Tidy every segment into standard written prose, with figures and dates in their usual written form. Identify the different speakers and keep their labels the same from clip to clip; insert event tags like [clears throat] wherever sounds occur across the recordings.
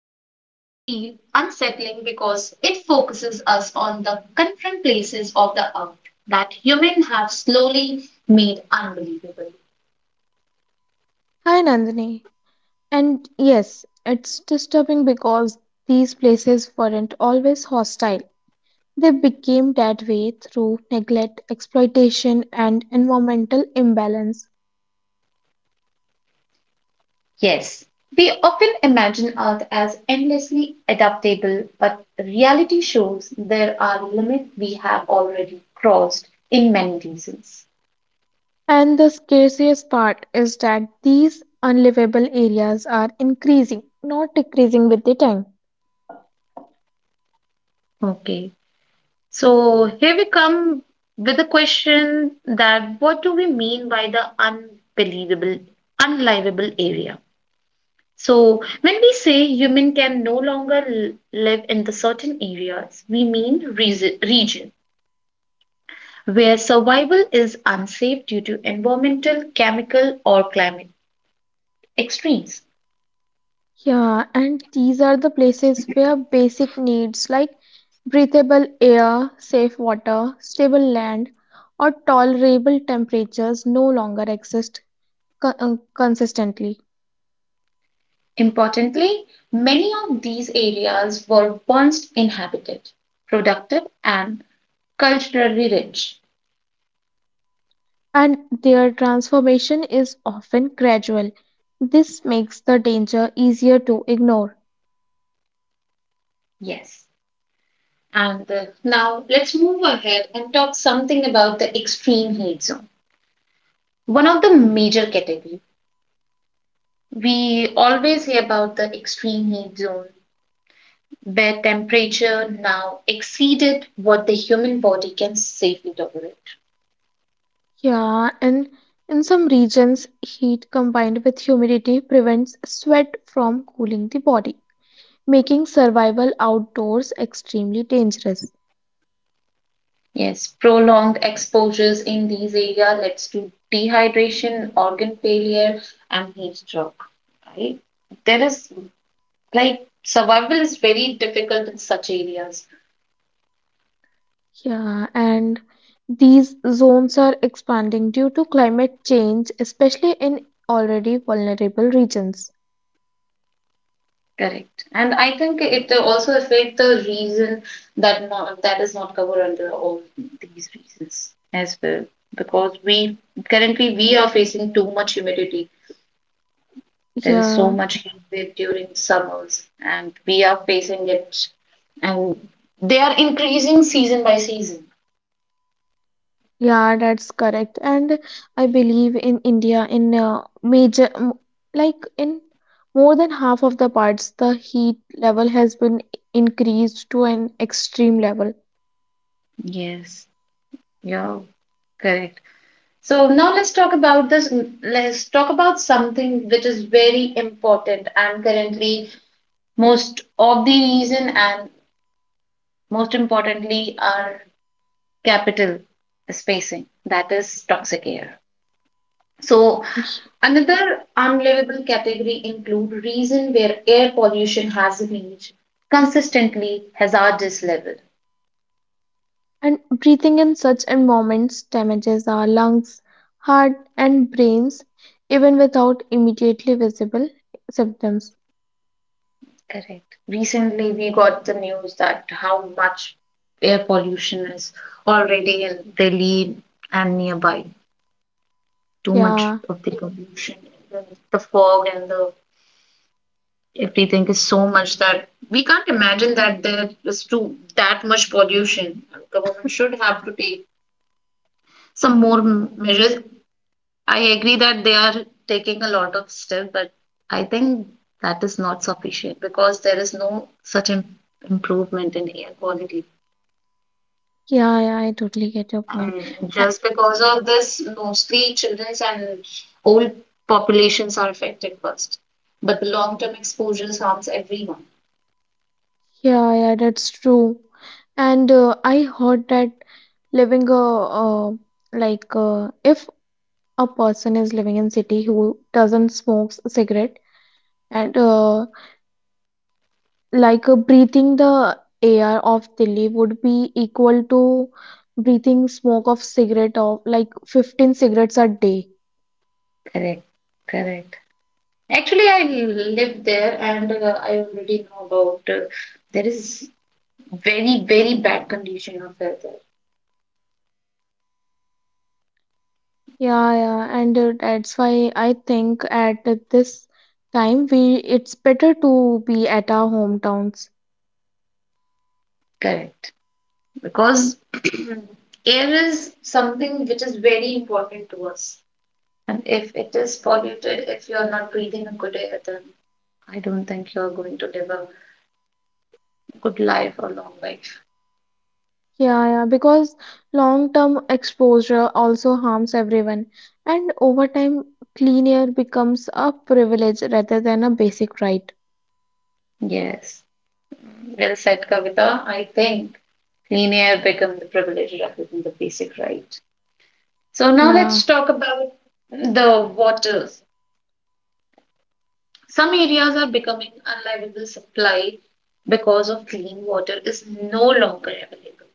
Speaker 1: Today's topic feels unsettling because it focuses us on the confront places of the earth that humans have slowly made unbelievable.
Speaker 2: Hi Nandini. And yes, it's disturbing because these places weren't always hostile. They became that way through neglect, exploitation, and environmental imbalance.
Speaker 1: Yes, we often imagine Earth as endlessly adaptable, but reality shows there are limits we have already crossed in many reasons.
Speaker 2: And the scariest part is that these unlivable areas are increasing, not decreasing with the time.
Speaker 1: Okay. So here we come with a question that what do we mean by the unbelievable, unlivable area? So when we say human can no longer live in the certain areas, we mean region where survival is unsafe due to environmental, chemical, or climate extremes.
Speaker 2: Yeah, and these are the places where basic needs like breathable air, safe water, stable land, or tolerable temperatures no longer exist consistently,
Speaker 1: Importantly, many of these areas were once inhabited, productive, and culturally rich.
Speaker 2: and their transformation is often gradual. This makes the danger easier to ignore.
Speaker 1: Yes. And Now let's move ahead and talk something about the extreme heat zone. One of the major category we always hear about the extreme heat zone where temperature now exceeded what the human body can safely tolerate.
Speaker 2: Yeah, and in some regions, heat combined with humidity prevents sweat from cooling the body, making survival outdoors extremely dangerous.
Speaker 1: Yes, prolonged exposures in these areas leads to dehydration, organ failure and heat stroke, right? There is like survival is very difficult in such areas.
Speaker 2: Yeah, and these zones are expanding due to climate change, especially in already vulnerable regions.
Speaker 1: Correct. And I think it also affect the reason that not, that is not covered under all these reasons as well. Because we currently we are facing too much humidity. There is so
Speaker 2: Yeah,
Speaker 1: much heat wave during summers and we are facing it and they are increasing season by season.
Speaker 2: yeah, that's correct. And I believe in India, in like in more than half of the parts, the heat level has been increased to an extreme level.
Speaker 1: Yes. Yeah. Correct. So now let's talk about this. Let's talk about something which is very important and currently most of the reason and most importantly our capital spacing, that is toxic air. So another unlivable category include reason where air pollution has reached consistently hazardous level.
Speaker 2: And breathing in such environments damages our lungs, heart, and brains even without immediately visible symptoms.
Speaker 1: Correct, recently we got the news that how much air pollution is already in Delhi and nearby, too much
Speaker 2: Yeah,
Speaker 1: of the pollution, the fog and the everything is so much that we can't imagine that there is too that much pollution. Government should have to take some more measures. I agree that they are taking a lot of steps, but I think that is not sufficient because there is no such improvement in air quality.
Speaker 2: yeah, yeah, I totally get your point.
Speaker 1: And
Speaker 2: A-
Speaker 1: just because of this, mostly children's and old populations are affected first, but the long-term exposures harms everyone.
Speaker 2: Yeah, yeah, that's true. And I heard that living a uh, like if a person is living in city who doesn't smoke cigarette and breathing the air of Delhi would be equal to breathing smoke of cigarette of like 15 cigarettes a day.
Speaker 1: Correct, correct. Actually, I live there and I already know about there is very, very bad condition of weather.
Speaker 2: Yeah, yeah, and that's why I think at this time we it's better to be at our hometowns.
Speaker 1: Correct. Because [clears throat] air is something which is very important to us. And if it is polluted, if you are not breathing a good air, then I don't think you are going to live a good life or long life.
Speaker 2: Yeah, yeah, because long-term exposure also harms everyone, and over time, clean air becomes a privilege rather than a basic right.
Speaker 1: Yes. Well said, Kavita. I think clean air become the privilege rather than the basic right. So now
Speaker 2: Yeah.
Speaker 1: let's talk about the waters. Some areas are becoming unlivable supply because of clean water is no longer available.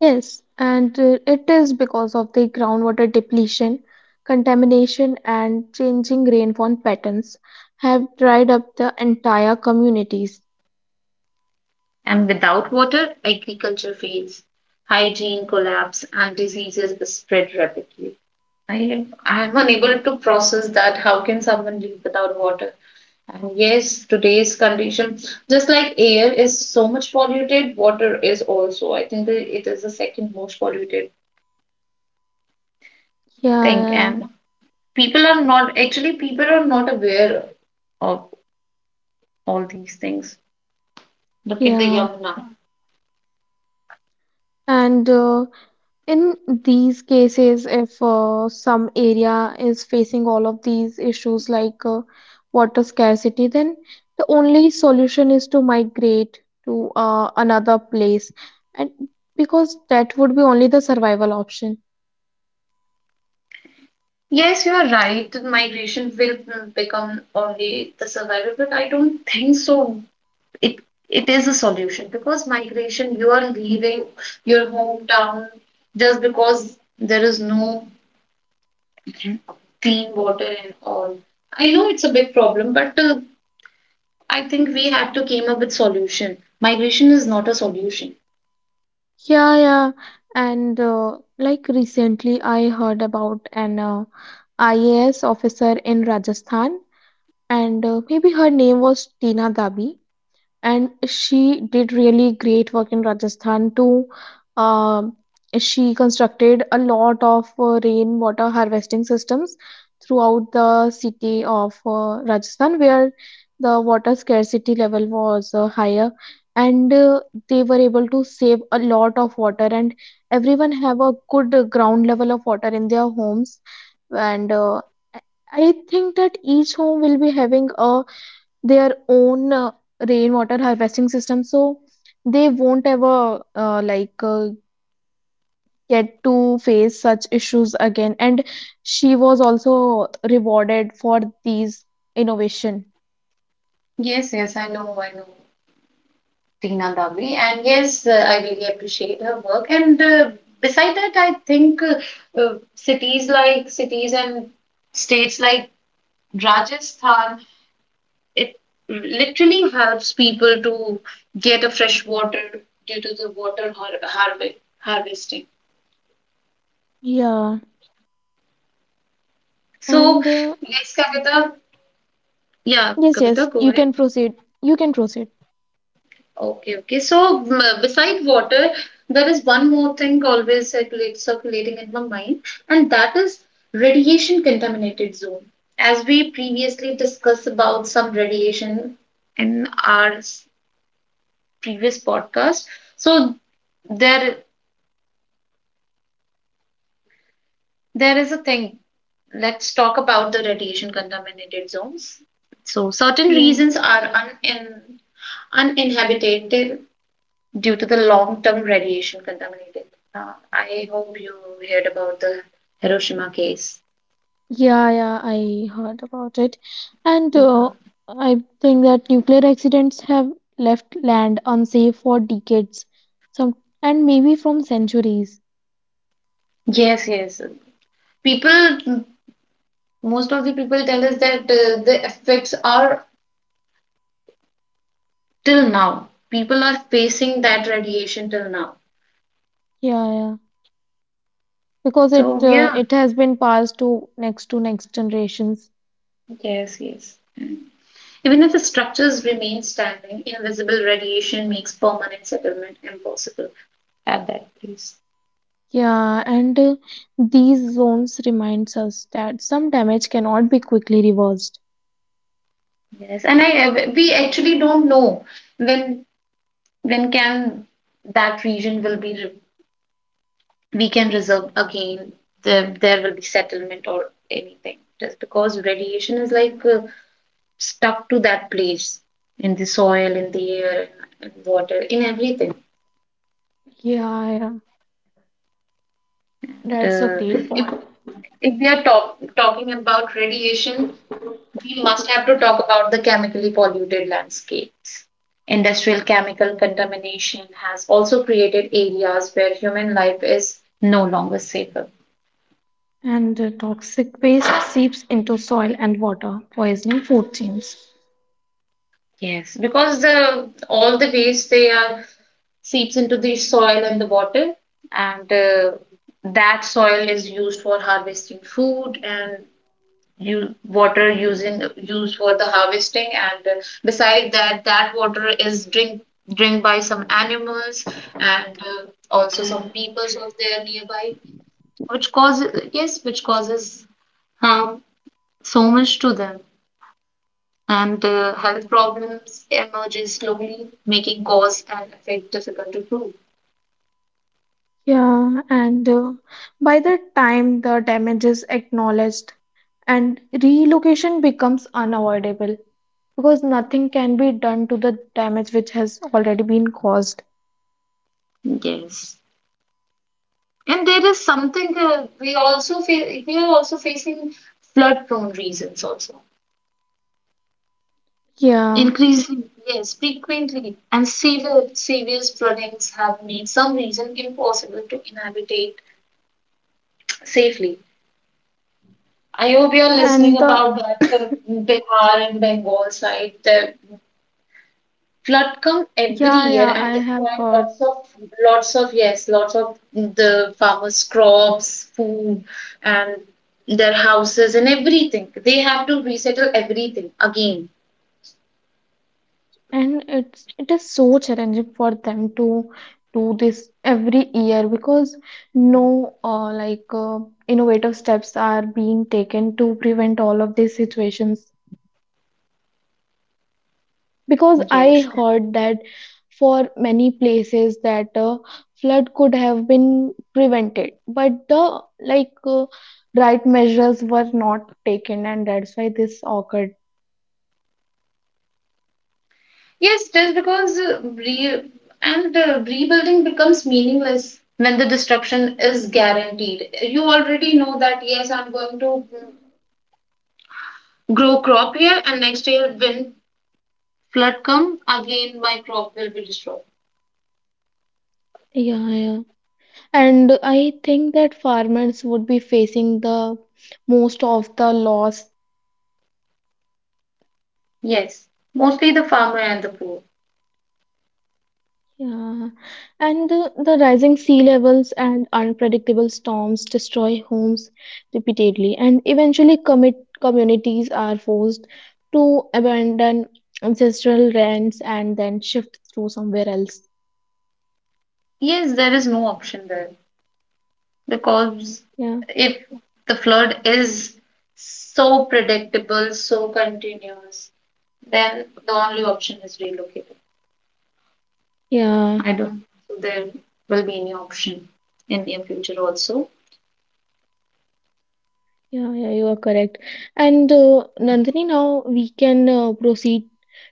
Speaker 2: Yes, and it is because of the groundwater depletion, contamination, and changing rainfall patterns have dried up the entire communities.
Speaker 1: And without water, agriculture fails, hygiene collapse, and diseases spread rapidly. I am unable to process that. How can someone live without water? And yes, today's condition, just like air is so much polluted, water is also. I think that it is the second most polluted thing.
Speaker 2: Yeah,
Speaker 1: And people are not, actually, people are not aware of all these things. Look at the
Speaker 2: yeah.
Speaker 1: Yamuna.
Speaker 2: And in these cases, if some area is facing all of these issues like water scarcity, then the only solution is to migrate to another place, and because that would be only the survival option.
Speaker 1: Yes, you are right. Migration will become only the survivor, but I don't think so. It it is a solution because migration, you are leaving your hometown just because there is no clean water and all. I know it's a big problem, but I think we have to came up with solution. Migration is not a solution.
Speaker 2: Yeah, yeah. And like recently, I heard about an IAS officer in Rajasthan, and maybe her name was Tina Dabi, and she did really great work in Rajasthan too. Um, she constructed a lot of rainwater harvesting systems throughout the city of Rajasthan, where the water scarcity level was higher, and they were able to save a lot of water, and everyone have a good ground level of water in their homes, and I think that each home will be having a their own rainwater harvesting system so they won't ever get to face such issues again, and she was also rewarded for these innovation.
Speaker 1: Yes, yes, I know, I know. Teena Davli, and yes, I really appreciate her work. And Beside that, I think cities like cities and states like Rajasthan, it literally helps people to get a fresh water due to the water harvesting.
Speaker 2: Yeah,
Speaker 1: So
Speaker 2: and
Speaker 1: yes, Kavita, yeah,
Speaker 2: yes, yes,
Speaker 1: Kavita, go
Speaker 2: you
Speaker 1: ahead.
Speaker 2: can proceed. You can proceed.
Speaker 1: Okay, okay. So, beside water, there is one more thing always circulating in my mind, and that is radiation contaminated zone. As we previously discussed about some radiation in our previous podcast, so there there is a thing. Let's talk about the radiation contaminated zones. So, certain
Speaker 2: Yeah,
Speaker 1: regions are un in uninhabited due to the long-term radiation contaminated. I hope you heard about the Hiroshima case.
Speaker 2: yeah, yeah, I heard about it. and
Speaker 1: Yeah.
Speaker 2: uh, I think that nuclear accidents have left land unsafe for decades, some and maybe from centuries.
Speaker 1: Yes, yes. People, most of the people tell us that the effects are till now. People are facing that radiation till now.
Speaker 2: Yeah, yeah. Because
Speaker 1: So yeah,
Speaker 2: it has been passed to next generations.
Speaker 1: yes, yes. Even if the structures remain standing, invisible radiation makes permanent settlement impossible at that place.
Speaker 2: Yeah, and these zones reminds us that some damage cannot be quickly reversed.
Speaker 1: Yes, and I we actually don't know when then can that region will be we can reserve again, there will be settlement or anything just because radiation is like stuck to that place, in the soil, in the air, in water, in everything.
Speaker 2: Yeah, yeah. That's a
Speaker 1: uh,
Speaker 2: great
Speaker 1: if,
Speaker 2: point.
Speaker 1: if we are talking about radiation, we must have to talk about the chemically polluted landscapes. Industrial chemical contamination has also created areas where human life is no longer safe.
Speaker 2: And toxic waste seeps into soil and water, poisoning food chains.
Speaker 1: Yes, because the all the waste they are seeps into the soil and the water, and that soil is used for harvesting food, and you water using used for the harvesting, and beside that, that water is drink by some animals, and also some peoples of there nearby, which causes, yes, which causes harm so much to them, and health problems emerges slowly, making cause and effect difficult to prove.
Speaker 2: Yeah, and by the time the damage is acknowledged and relocation becomes unavoidable, because nothing can be done to the damage which has already been caused.
Speaker 1: Yes. And there is something we also feel we are also facing flood prone regions also.
Speaker 2: Yeah
Speaker 1: Increasing. Yes, frequently and severe serious floodings have made some regions impossible to inhabitate safely. I hope you're
Speaker 2: and
Speaker 1: listening
Speaker 2: the
Speaker 1: about that Bihar and Bengal side. There flood come every
Speaker 2: Yeah,
Speaker 1: year
Speaker 2: yeah,
Speaker 1: and
Speaker 2: I have
Speaker 1: destroy
Speaker 2: heard.
Speaker 1: lots of lots of, yes, lots of the farmers' crops, food, and their houses and everything. They have to resettle everything again.
Speaker 2: And it's, it is so challenging for them to do this every year because no innovative steps are being taken to prevent all of these situations, because I
Speaker 1: Yes,
Speaker 2: heard that for many places that flood could have been prevented but the like uh, right measures were not taken and that's why this occurred.
Speaker 1: yes, just because re and rebuilding becomes meaningless when the destruction is guaranteed. You already know that yes, I'm going to grow crop here, and next year when flood come again, my crop will be destroyed.
Speaker 2: Yeah, yeah. And I think that farmers would be facing the most of the loss.
Speaker 1: Yes, mostly the farmer and the poor.
Speaker 2: Yeah, and the rising sea levels and unpredictable storms destroy homes repeatedly, and eventually, commit communities are forced to abandon ancestral lands and then shift through somewhere else.
Speaker 1: Yes, there is no option there because
Speaker 2: Yeah,
Speaker 1: if the flood is so predictable, so continuous, then the only option is relocating.
Speaker 2: yeah,
Speaker 1: I don't think there will be any option in near future also.
Speaker 2: yeah, you are correct. And Nandini, now we can proceed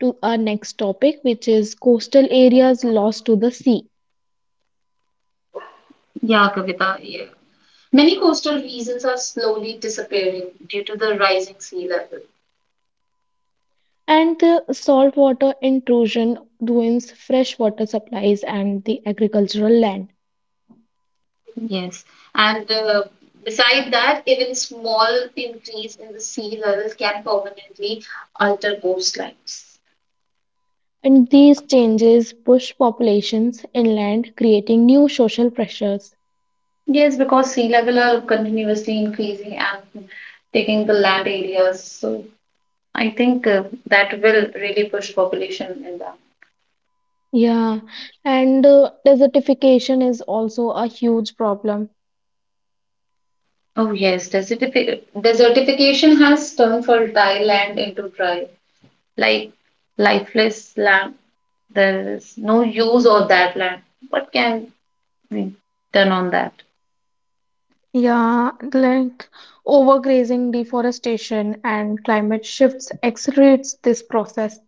Speaker 2: to our next topic, which is coastal areas lost to the sea.
Speaker 1: Yeah, Kavita, yeah. Many coastal regions are slowly disappearing due to the rising sea level.
Speaker 2: And the saltwater intrusion ruins fresh water supplies and the agricultural land.
Speaker 1: Yes, and beside that, even small increase in the sea levels can permanently alter coastlines.
Speaker 2: And these changes push populations inland, creating new social pressures.
Speaker 1: Yes, because sea level are continuously increasing and taking the land areas. So I think that will really push population in that.
Speaker 2: Yeah, and desertification is also a huge problem.
Speaker 1: Oh yes, desertification has turned fertile land into dry, like lifeless land. There is no use of that land. What can be done on that?
Speaker 2: Yeah, like overgrazing, deforestation, and climate shifts accelerates this process.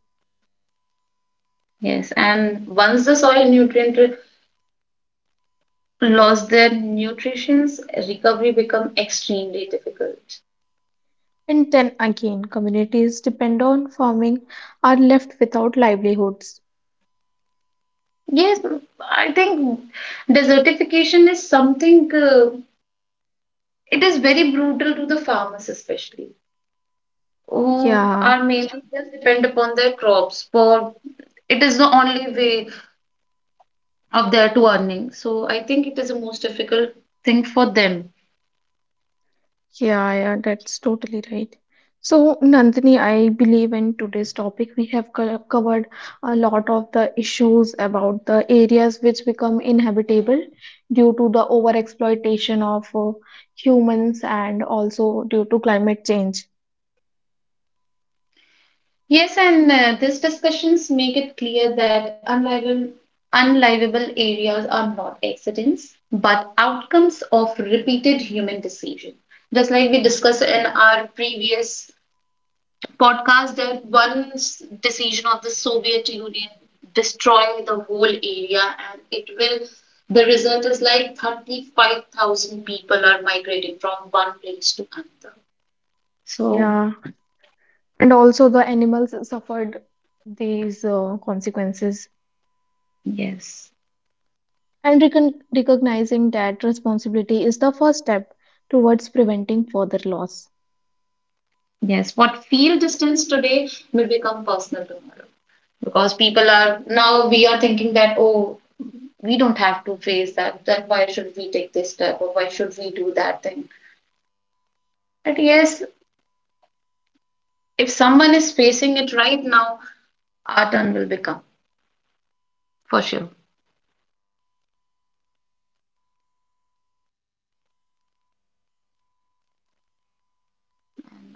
Speaker 1: Yes, and once the soil nutrient lost their nutritions, recovery become extremely difficult.
Speaker 2: And then again, communities depend on farming are left without livelihoods.
Speaker 1: Yes, I think desertification is something. It is very brutal to the farmers, especially who
Speaker 2: Yeah,
Speaker 1: are mainly just depend upon their crops for. It is the only way of their to earning. So I think it is the most difficult thing for them.
Speaker 2: yeah, yeah, that's totally right. So, Nandini, I believe in today's topic we have covered a lot of the issues about the areas which become inhabitable due to the overexploitation of humans and also due to climate change.
Speaker 1: Yes, and these discussions make it clear that unlivable areas are not accidents, but outcomes of repeated human decision. Just like we discussed in our previous podcast, that one decision of the Soviet Union destroying the whole area, and it will. The result is like 35,000 people are migrating from one place to another. So,
Speaker 2: Yeah, and also the animals suffered these consequences.
Speaker 1: yes.
Speaker 2: And recognizing that responsibility is the first step towards preventing further loss.
Speaker 1: Yes, what feel distance today may become personal tomorrow because people are now we are thinking that, oh, we don't have to face that, then why should we take this step or why should we do that thing? But yes, if someone is facing it right now, our turn will become for sure.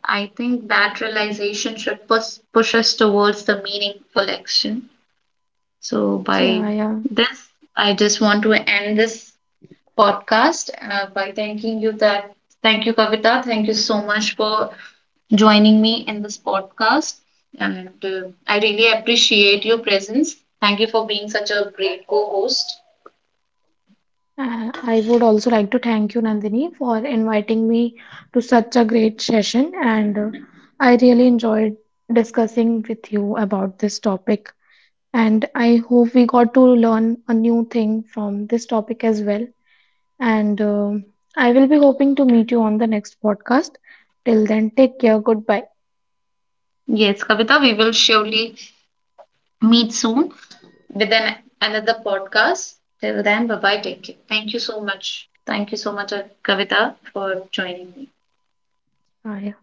Speaker 1: I think that realization should push us towards the meaningful action. So by
Speaker 2: Yeah, yeah.
Speaker 1: this, I just want to end this podcast by thanking you that thank you Kavita, thank you so much for joining me in this podcast, and I really appreciate your presence. Thank you for being such a great co-host.
Speaker 2: I would also like to thank you, Nandini, for inviting me to such a great session. And I really enjoyed discussing with you about this topic. And I hope we got to learn a new thing from this topic as well. And I will be hoping to meet you on the next podcast. Till then, take care. Goodbye.
Speaker 1: Yes, Kavita, we will surely meet soon with an another podcast. Till then, bye bye. Take care. Thank you so much. Thank you so much, Kavita, for joining me.
Speaker 2: Bye.